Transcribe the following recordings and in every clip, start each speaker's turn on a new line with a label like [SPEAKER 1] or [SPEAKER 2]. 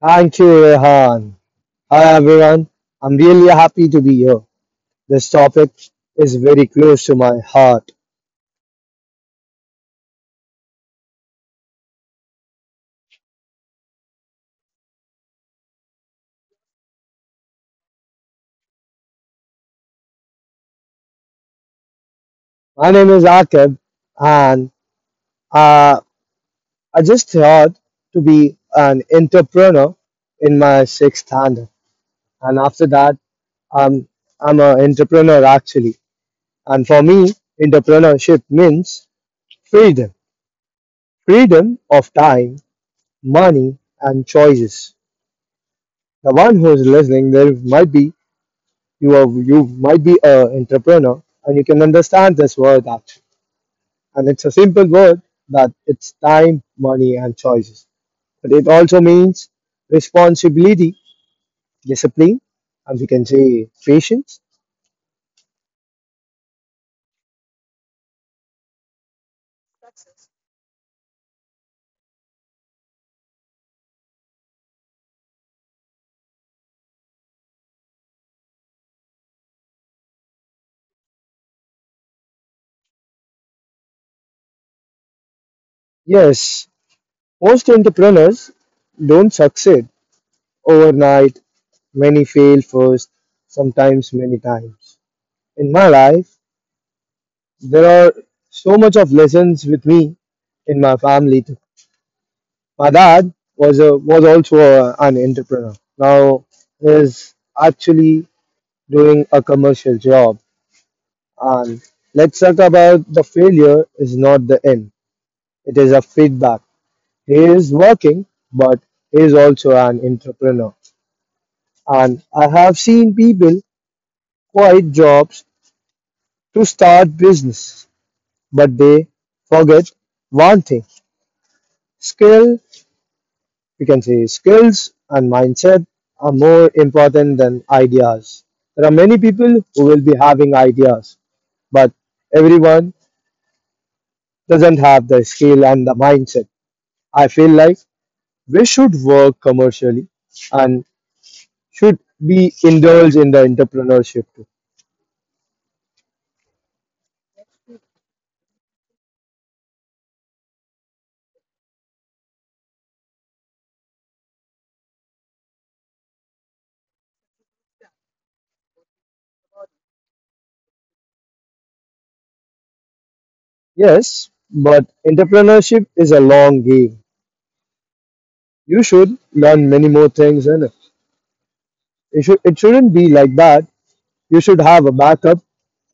[SPEAKER 1] Thank you, Rehan. Hi, everyone. I'm really happy to be here. This topic is very close to my heart. My name is Akib, and uh, I just thought to be an entrepreneur in my sixth standard. And after that, um, I'm an entrepreneur actually. And for me, entrepreneurship means freedom, freedom of time, money, and choices. The one who's listening, there might be you might be an entrepreneur and you can understand this word actually, and it's a simple word that it's time, money, and choices, but it also means responsibility, discipline, and we can say patience. Yes, most entrepreneurs don't succeed overnight. Many fail first, sometimes many times. In my life, there are so much of lessons with me. In my family too, my dad was also an entrepreneur. Now is actually doing a commercial job, and let's talk about the failure is not the end. It is a feedback. He is working, but he is also an entrepreneur. And I have seen people quit jobs to start business, but they forget one thing: skill, we can say skills and mindset are more important than ideas. There are many people who will be having ideas, but everyone doesn't have the skill and the mindset. I feel like we should work commercially and should be indulged in the entrepreneurship too. Yes, but entrepreneurship is a long game. You should learn many more things in it. It shouldn't be like that. You should have a backup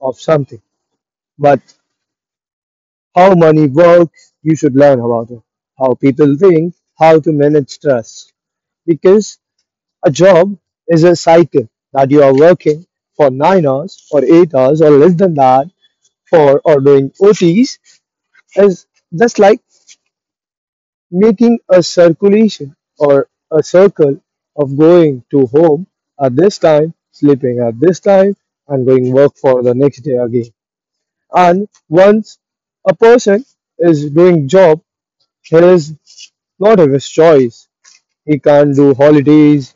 [SPEAKER 1] of something. But how money works, you should learn about it, how people think, how to manage stress. Because a job is a cycle that you are working for 9 hours or 8 hours or less than that for, or doing OTs is just like making a circulation or a circle of going to home at this time, sleeping at this time, and going work for the next day again. And once a person is doing job, he is not of his choice. He can't do holidays.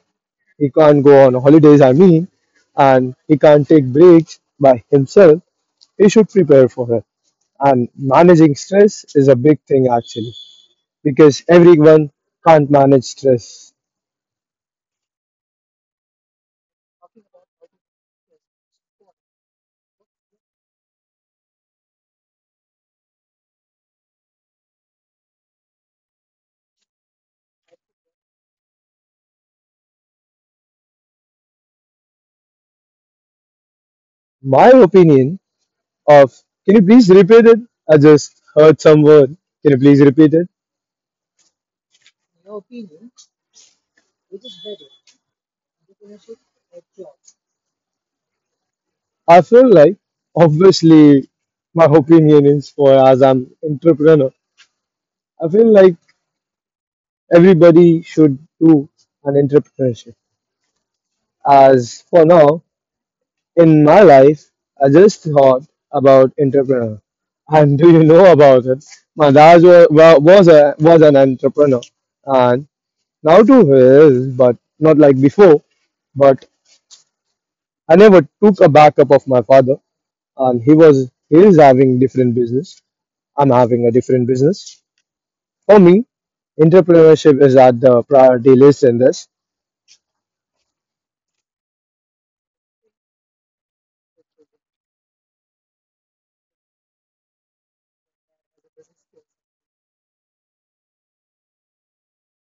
[SPEAKER 1] He can't go on holidays, I mean, and he can't take breaks by himself. He should prepare for it. And managing stress is a big thing actually, because everyone can't manage stress. My opinion of, can you please repeat it? I just heard some word. Can you please repeat it? I feel like, obviously, my opinion is for, as I'm entrepreneur, I feel like everybody should do an entrepreneurship. As for now, in my life, I just thought about entrepreneur. And do you know about it? My dad was an entrepreneur, and now too he is, but not like before. But I never took a backup of my father, and he is having different business. I'm having a different business. For me, entrepreneurship is at the priority list in this.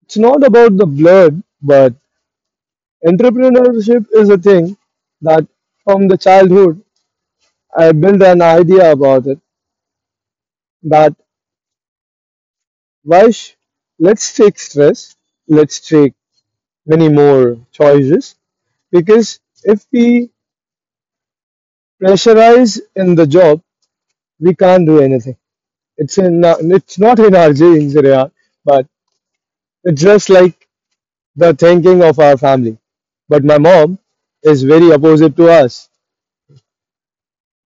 [SPEAKER 1] It's not about the blood, but entrepreneurship is a thing that from the childhood I built an idea about it that why sh- let's take stress, let's take many more choices, because if we pressurize in the job, we can't do anything. It's in it's not in our genes, Riyad, but it's just like the thinking of our family. But my mom is very opposite to us.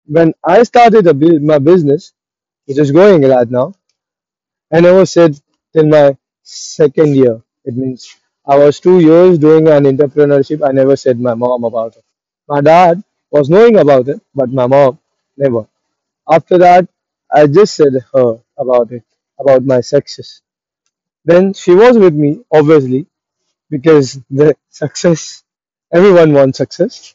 [SPEAKER 1] When I started my business, which is going right now, I never said till my second year. It means I was 2 years doing an entrepreneurship. I never said my mom about it. My dad was knowing about it, but my mom never. After that, I just said her about it, about my success. Then she was with me, obviously, because the success, everyone wants success.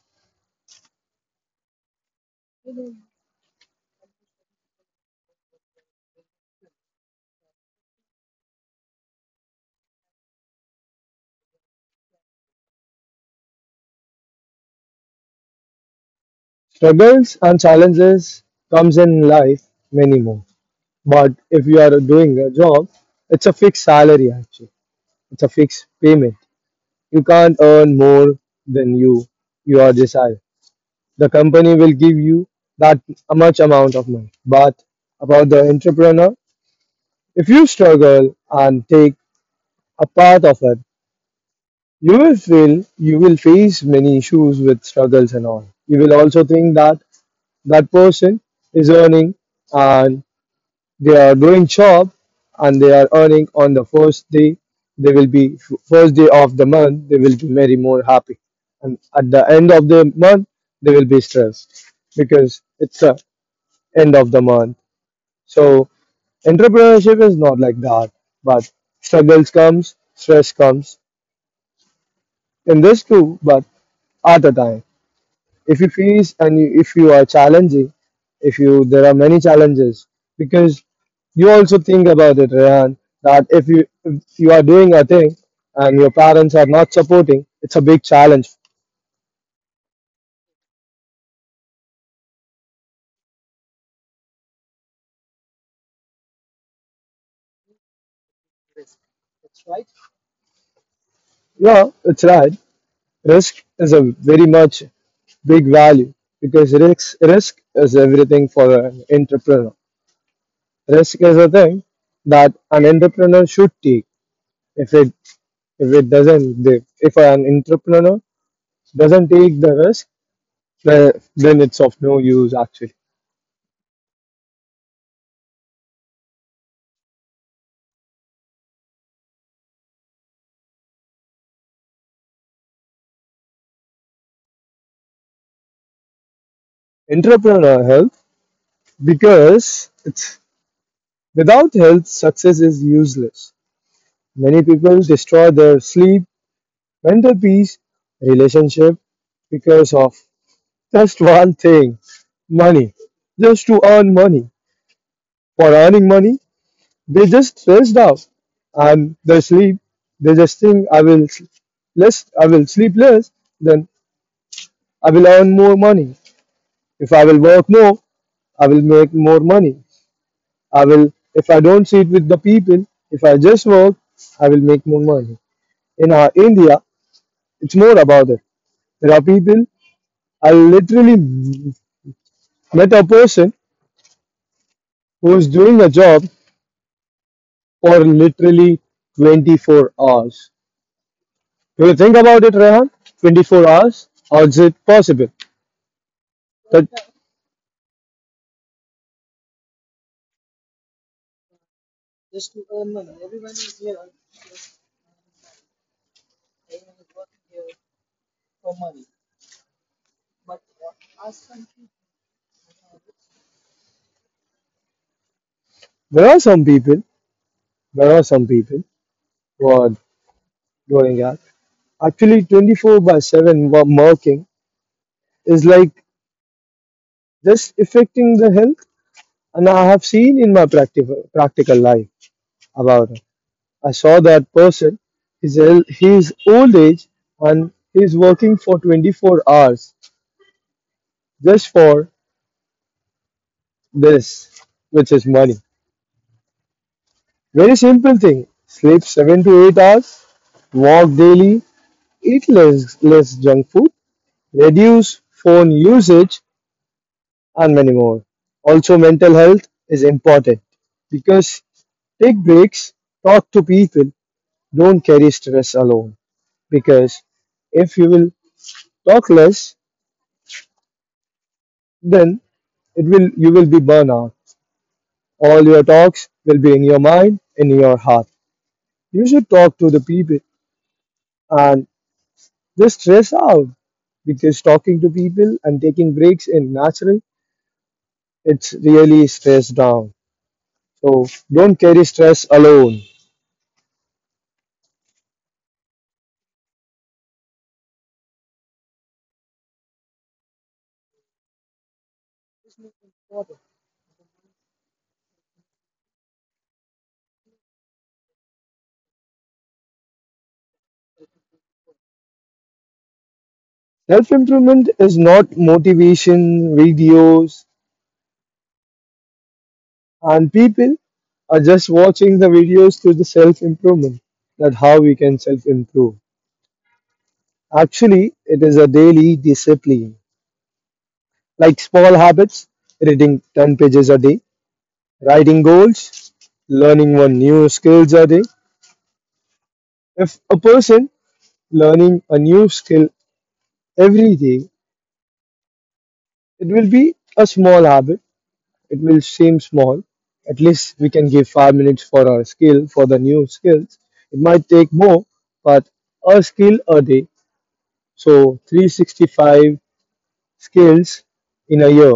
[SPEAKER 1] Struggles and challenges comes in life many more. But if you are doing a job, it's a fixed salary actually. It's a fixed payment. You can't earn more than your desire. The company will give you that much amount of money. But about the entrepreneur, if you struggle and take a part of it, you will feel, you will face many issues with struggles and all. You will also think that that person is earning and they are doing job and they are earning on the first day. They will be first day of the month they will be very more happy, and at the end of the month they will be stressed because it's the end of the month. So entrepreneurship is not like that, but struggles comes, stress comes in this too. But at a time, if you face, and if you are challenging, if you there are many challenges, because you also think about it, Rehan, that if you are doing a thing and your parents are not supporting, it's a big challenge. Yeah, it's right. Risk is a very much big value, because risk is everything for an entrepreneur. Risk is a thing that an entrepreneur should take. if it if it doesn't if an entrepreneur doesn't take the risk, then it's of no use actually. Entrepreneurial health, because it's without health success is useless. Many people destroy their sleep, mental peace, relationship because of just one thing, money. Just to earn money. For earning money, they just stressed out and they sleep. They just think, I will less, I will sleep less, then I will earn more money. If I will work more, I will make more money. If I don't sit with the people, if I just work, I will make more money. In India, it's more about it. There are people, I literally met a person who is doing a job for literally 24 hours. Do you think about it, Rehan? 24 hours? How is it possible? But there are some people, there are some people who are going out. Actually, 24 by 7 working is like just affecting the health. And I have seen in my practical life about it. I saw that person, his old age, and he's working for 24 hours just for this, which is money. Very simple thing: sleep 7 to 8 hours, walk daily, eat less junk food, reduce phone usage, and many more. Also, mental health is important because take breaks, talk to people, don't carry stress alone. Because if you will talk less, then it will, you will be burnout. All your talks will be in your mind, in your heart. You should talk to the people and just stress out, because talking to people and taking breaks in natural it's really stress down. So don't carry stress alone. Self improvement is not motivation videos, and people are just watching the videos to the self improvement, that how we can self improve. Actually, it is a daily discipline, like small habits, reading 10 pages a day, writing goals, learning one new skills a day. If a person learning a new skill every day, it will be a small habit. It will seem small. At least we can give 5 minutes for our skill, for the new skills. It might take more, but a skill a day. So 365 skills in a year.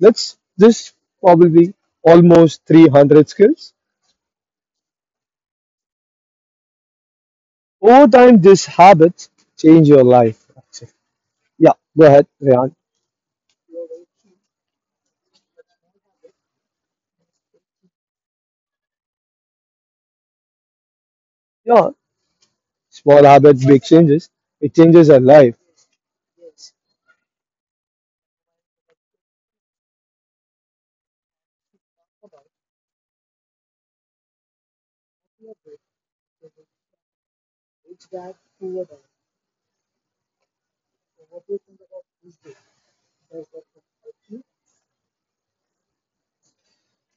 [SPEAKER 1] That's this probably almost 300 skills. Over time, these habits change your life. Actually. Yeah, go ahead, Ryan. Yeah, small habits, big changes. It changes our life.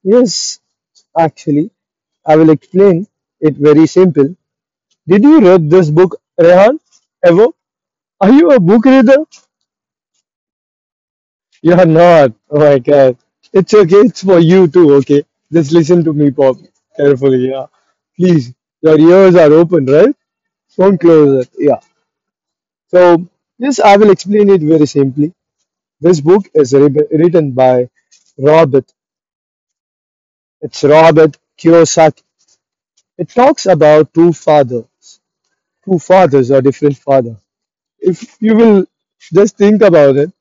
[SPEAKER 1] Yes, actually, I will explain it very simple. Did you read this book, Rehan? Ever? Are you a book reader? You are not. Oh my god. It's okay. It's for you too. Okay. Just listen to me, Pop. Carefully. Yeah. Please. Your ears are open, right? Phone closer. Yeah. So yes, I will explain it very simply. This book is written by Robert. It's Robert Kiyosaki. It talks about two fathers. Two fathers or different father. If you will just think about it,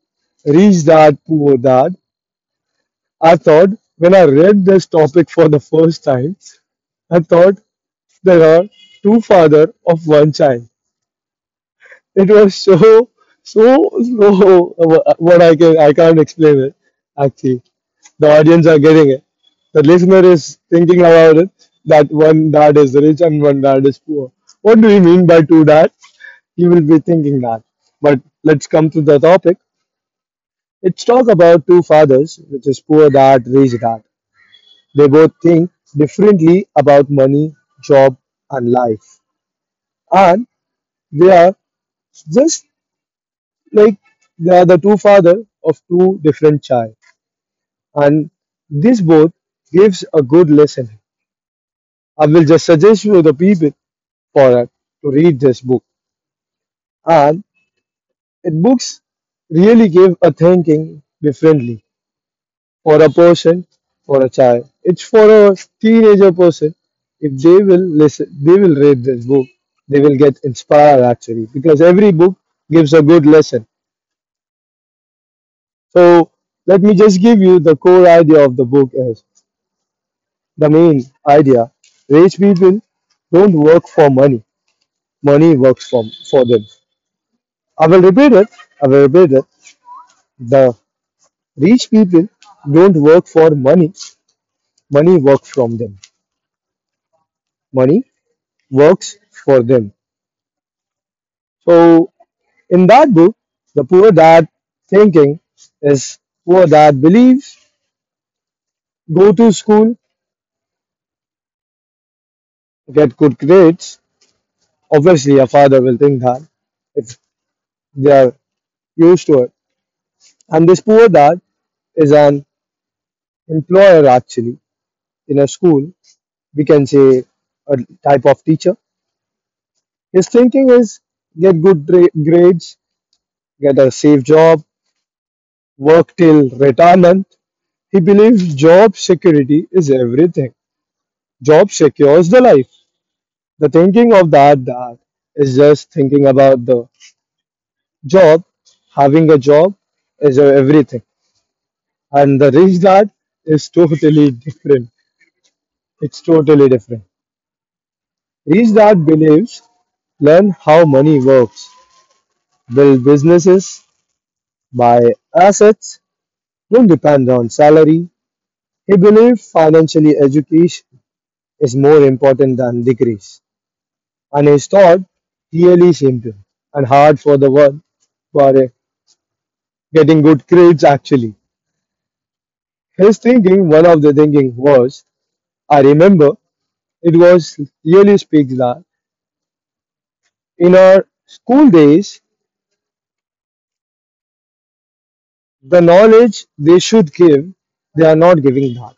[SPEAKER 1] rich dad, poor dad. I thought when I read this topic for the first time, I thought there are two father of one child. It was so slow. What I can, I can't explain it. Actually, the audience are getting it. The listener is thinking about it. That one dad is rich and one dad is poor. What do we mean by two dads? He will be thinking that. But let's come to the topic. Let's talk about two fathers, which is poor dad, rich dad. They both think differently about money, job, and life, and they are just like they are the two father of two different child, and this both gives a good lesson. I will just suggest you the people for that to read this book, and it books really give a thinking differently for a person, for a child, it's for a teenager person. If they will listen, they will read this book, they will get inspired actually, because every book gives a good lesson. So let me just give you the core idea of the book, is the main idea. Rich people don't work for money. Money works for them. I will repeat it. I will repeat it. The rich people don't work for money. Money works from them. Money works for them. So in that book, the poor dad thinking is poor dad believes go to school, get good grades. Obviously, a father will think that if they are used to it. And this poor dad is an employer actually in a school, we can say a type of teacher. His thinking is get good grades, get a safe job, work till retirement. He believes job security is everything, job secures the life. The thinking of that dad is just thinking about the job. Having a job is everything. And the rich dad is totally different. It's totally different. Rich dad believes learn how money works, build businesses, buy assets, don't depend on salary. He believed financially education is more important than degrees, and his thought really simple and hard for the world for getting good grades actually. His thinking, one of the thinking was, I remember it was really speaks that in our school days, the knowledge they should give, they are not giving that.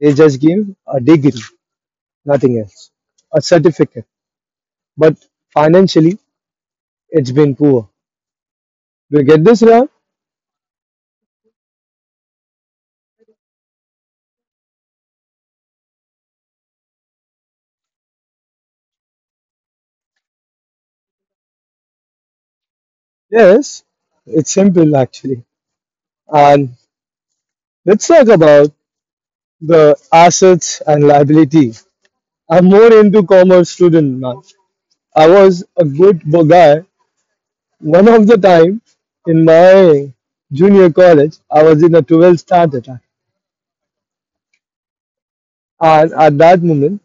[SPEAKER 1] They just give a degree. Nothing else. A certificate. But financially, it's been poor. We'll get this round? Yes. It's simple, actually. And let's talk about the assets and liability. I'm more into commerce student now. I was a guy. One of the time in my junior college, I was in a 12th standard. And at that moment,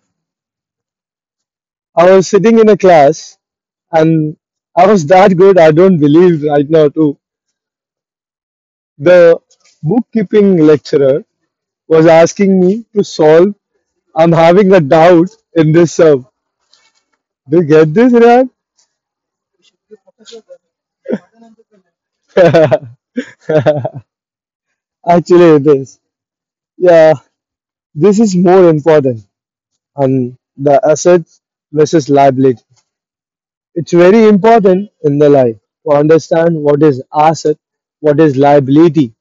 [SPEAKER 1] I was sitting in a class and I was that good. I don't believe right now too. The bookkeeping lecturer was asking me to solve. I'm having a doubt in this sum. Do you get this, Ryan? Actually, it is. Yeah, this is more important. And the assets versus liability. It's very important in the life to understand what is asset, what is liability.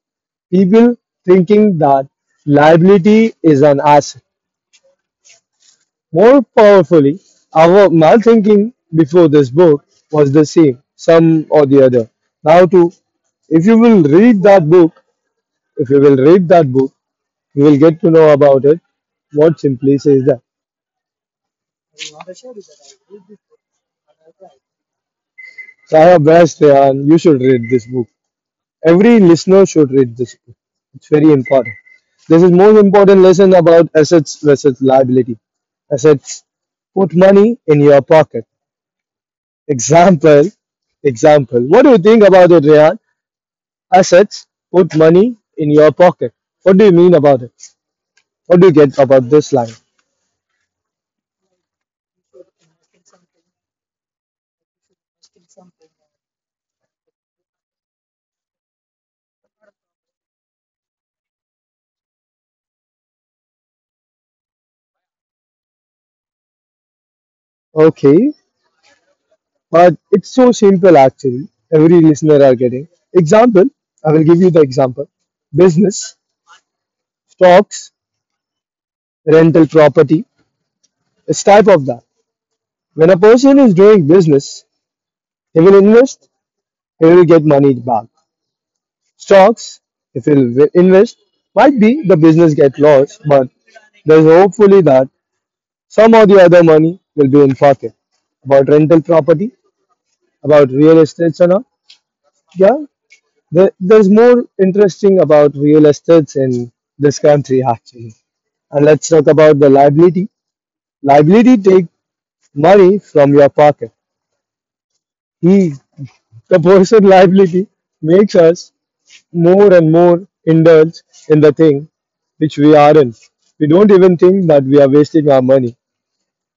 [SPEAKER 1] People thinking that liability is an asset. More powerfully, our malthinking before this book was the same, some or the other. Now, too, if you will read that book, if you will read that book, you will get to know about it. What simply says that. So, I have best, and you should read this book. Every listener should read this book. It's very important. This is most important lesson about assets versus liability. Assets put money in your pocket. Example, example. What do you think about it, Rehan? Assets, put money in your pocket. What do you mean about it? What do you get about this line? Okay, but it's so simple actually. Every listener are getting. Example, I will give you the example. Business, stocks, rental property, this type of that. When a person is doing business, he will invest, he will get money back. Stocks, if he will invest, might be the business get lost, but there's hopefully that some of the other money will be in pocket about rental property, about real estates and all. Yeah, there's more interesting about real estates in this country actually. And let's talk about the liability. Liability take money from your pocket. He, the person liability makes us more and more indulge in the thing which we aren't. We don't even think that we are wasting our money.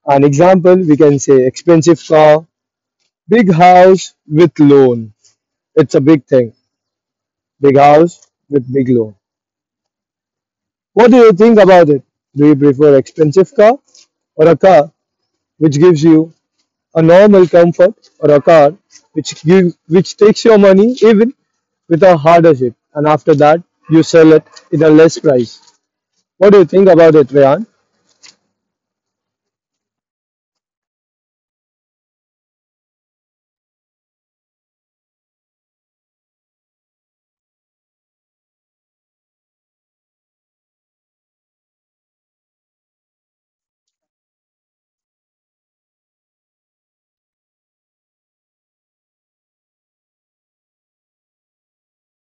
[SPEAKER 1] An example, we can say expensive car, big house with loan. It's a big thing. Big house with big loan. What do you think about it? Do you prefer expensive car or a car which gives you a normal comfort or a car which give, which takes your money even with a hardship and after that you sell it in a less price. What do you think about it, Rayan?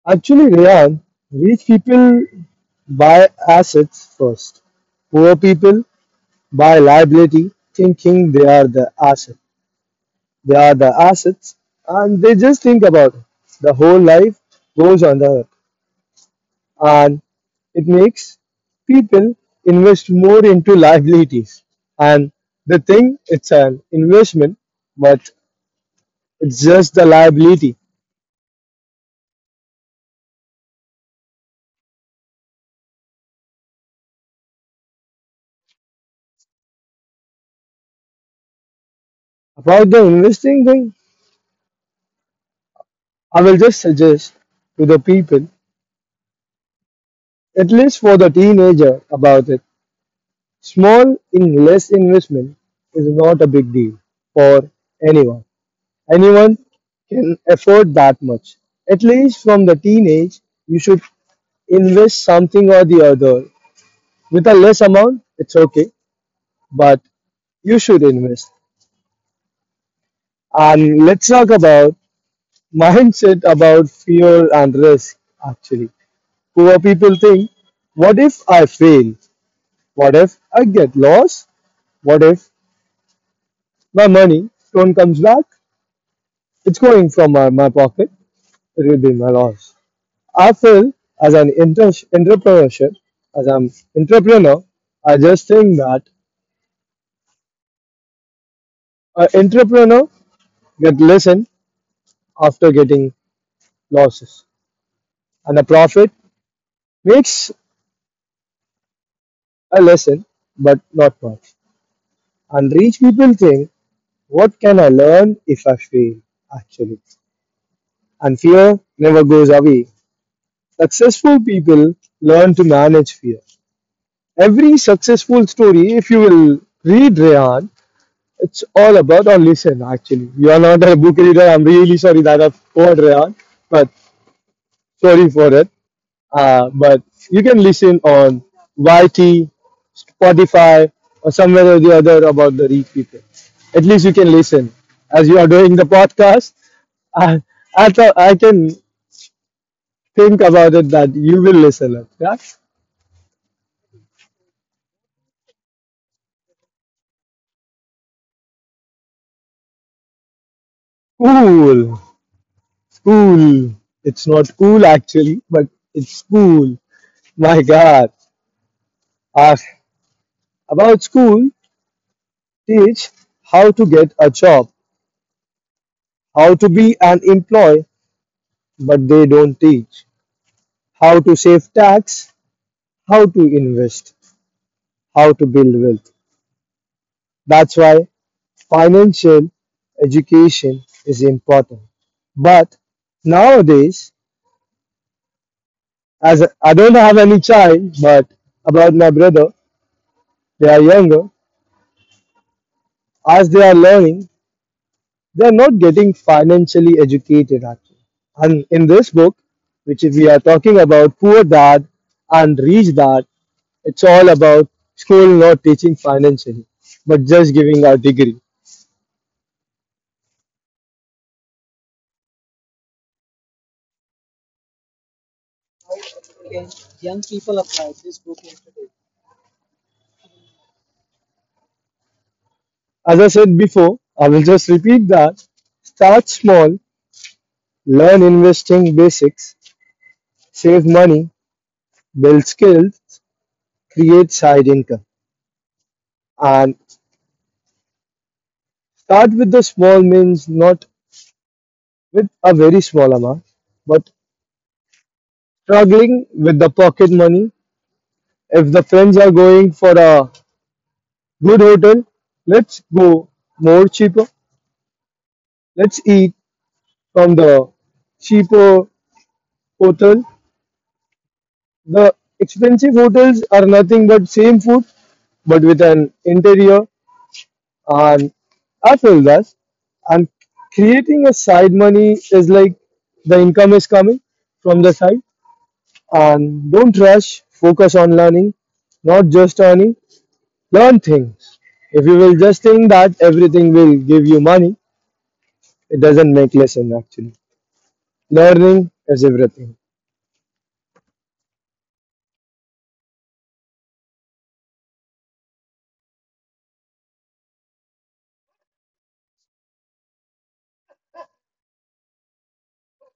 [SPEAKER 1] Actually, Rayan, rich people buy assets first. Poor people buy liability thinking they are the asset. They are the assets, and they just think about it. The whole life goes on the earth, and it makes people invest more into liabilities. And the thing, it's an investment, but it's just the liability. About the investing thing, I will just suggest to the people, at least for the teenager, about it. Small in less investment is not a big deal for anyone. Anyone can afford that much. At least from the teenage, you should invest something or the other. With a less amount, it's okay, but you should invest. And let's talk about mindset about fear and risk actually. Poor people think, what if I fail? What if I get lost? What if my money don't comes back? It's going from my pocket, it will be my loss. I feel as an entrepreneurship, as an entrepreneur, I just think that an entrepreneur get lesson after getting losses, and a profit makes a lesson, but not much. And rich people think, what can I learn if I fail? Actually, and fear never goes away. Successful people learn to manage fear. Every successful story, if you will read Rehan, it's all about or listen, actually. You are not a book reader. I'm really sorry that I've poured on, but sorry for it. But you can listen on YT, Spotify, or somewhere or the other about the read people. At least you can listen. As you are doing the podcast, I, I thought I can think about it that you will listen it, yeah? Cool. Cool. It's not cool actually, but it's cool. My God. Ah, about school, teach how to get a job, how to be an employee, but they don't teach how to save tax, how to invest, how to build wealth. That's why financial education is important. But nowadays, as I don't have any child, but about my brother, they are younger. As they are learning, they're not getting financially educated actually. And in this book, which we are talking about poor dad and rich dad, it's all about school not teaching financially, but just giving our degree. As I said before, I will just repeat that. Start small, learn investing basics, save money, build skills, create side income. And start with the small means not with a very small amount, but struggling with the pocket money. If the friends are going for a good hotel, let's go more cheaper. Let's eat from the cheaper hotel. The expensive hotels are nothing but same food, but with an interior and I feel that. And creating a side money is like the income is coming from the side. And don't rush, focus on learning, not just earning. Learn things. If you will just think that everything will give you money, it doesn't make lesson actually. Learning is everything.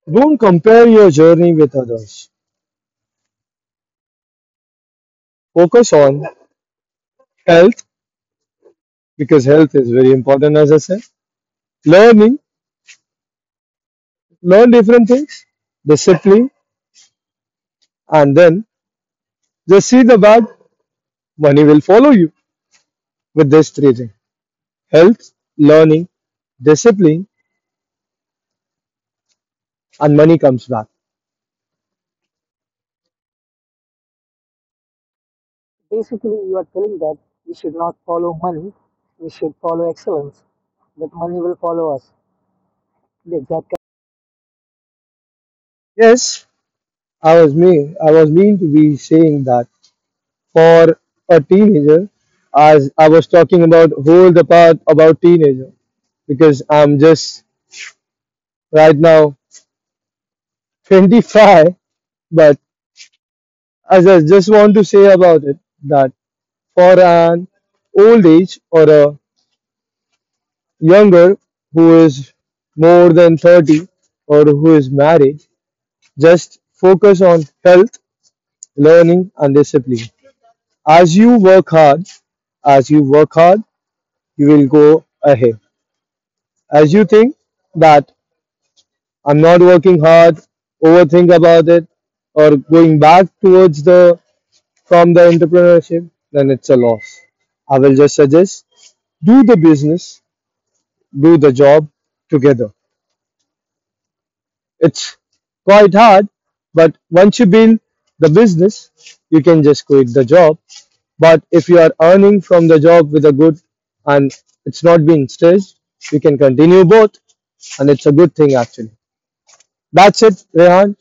[SPEAKER 1] Don't compare your journey with others. Focus on health because health is very important as I said. Learning, learn different things, discipline, and then just see the bad, money will follow you with these three things. Health, learning, discipline and money comes back.
[SPEAKER 2] Basically, you are telling that we should not follow money, we should follow excellence, that money will follow us. The exact
[SPEAKER 1] Yes, I was mean to be saying that for a teenager as I was talking about whole the part about teenager because I'm just right now 25 but as I just want to say about it that for an old age or a younger who is more than 30 or who is married just focus on health learning and discipline as you work hard as you work hard you will go ahead as you think that I'm not working hard, overthink about it, or going back towards the from the entrepreneurship, then it's a loss. I will just suggest do the business, do the job together. It's quite hard, but once you build the business, you can just quit the job. But if you are earning from the job with a good and it's not being staged, you can continue both, and it's a good thing actually. That's it, Rehan.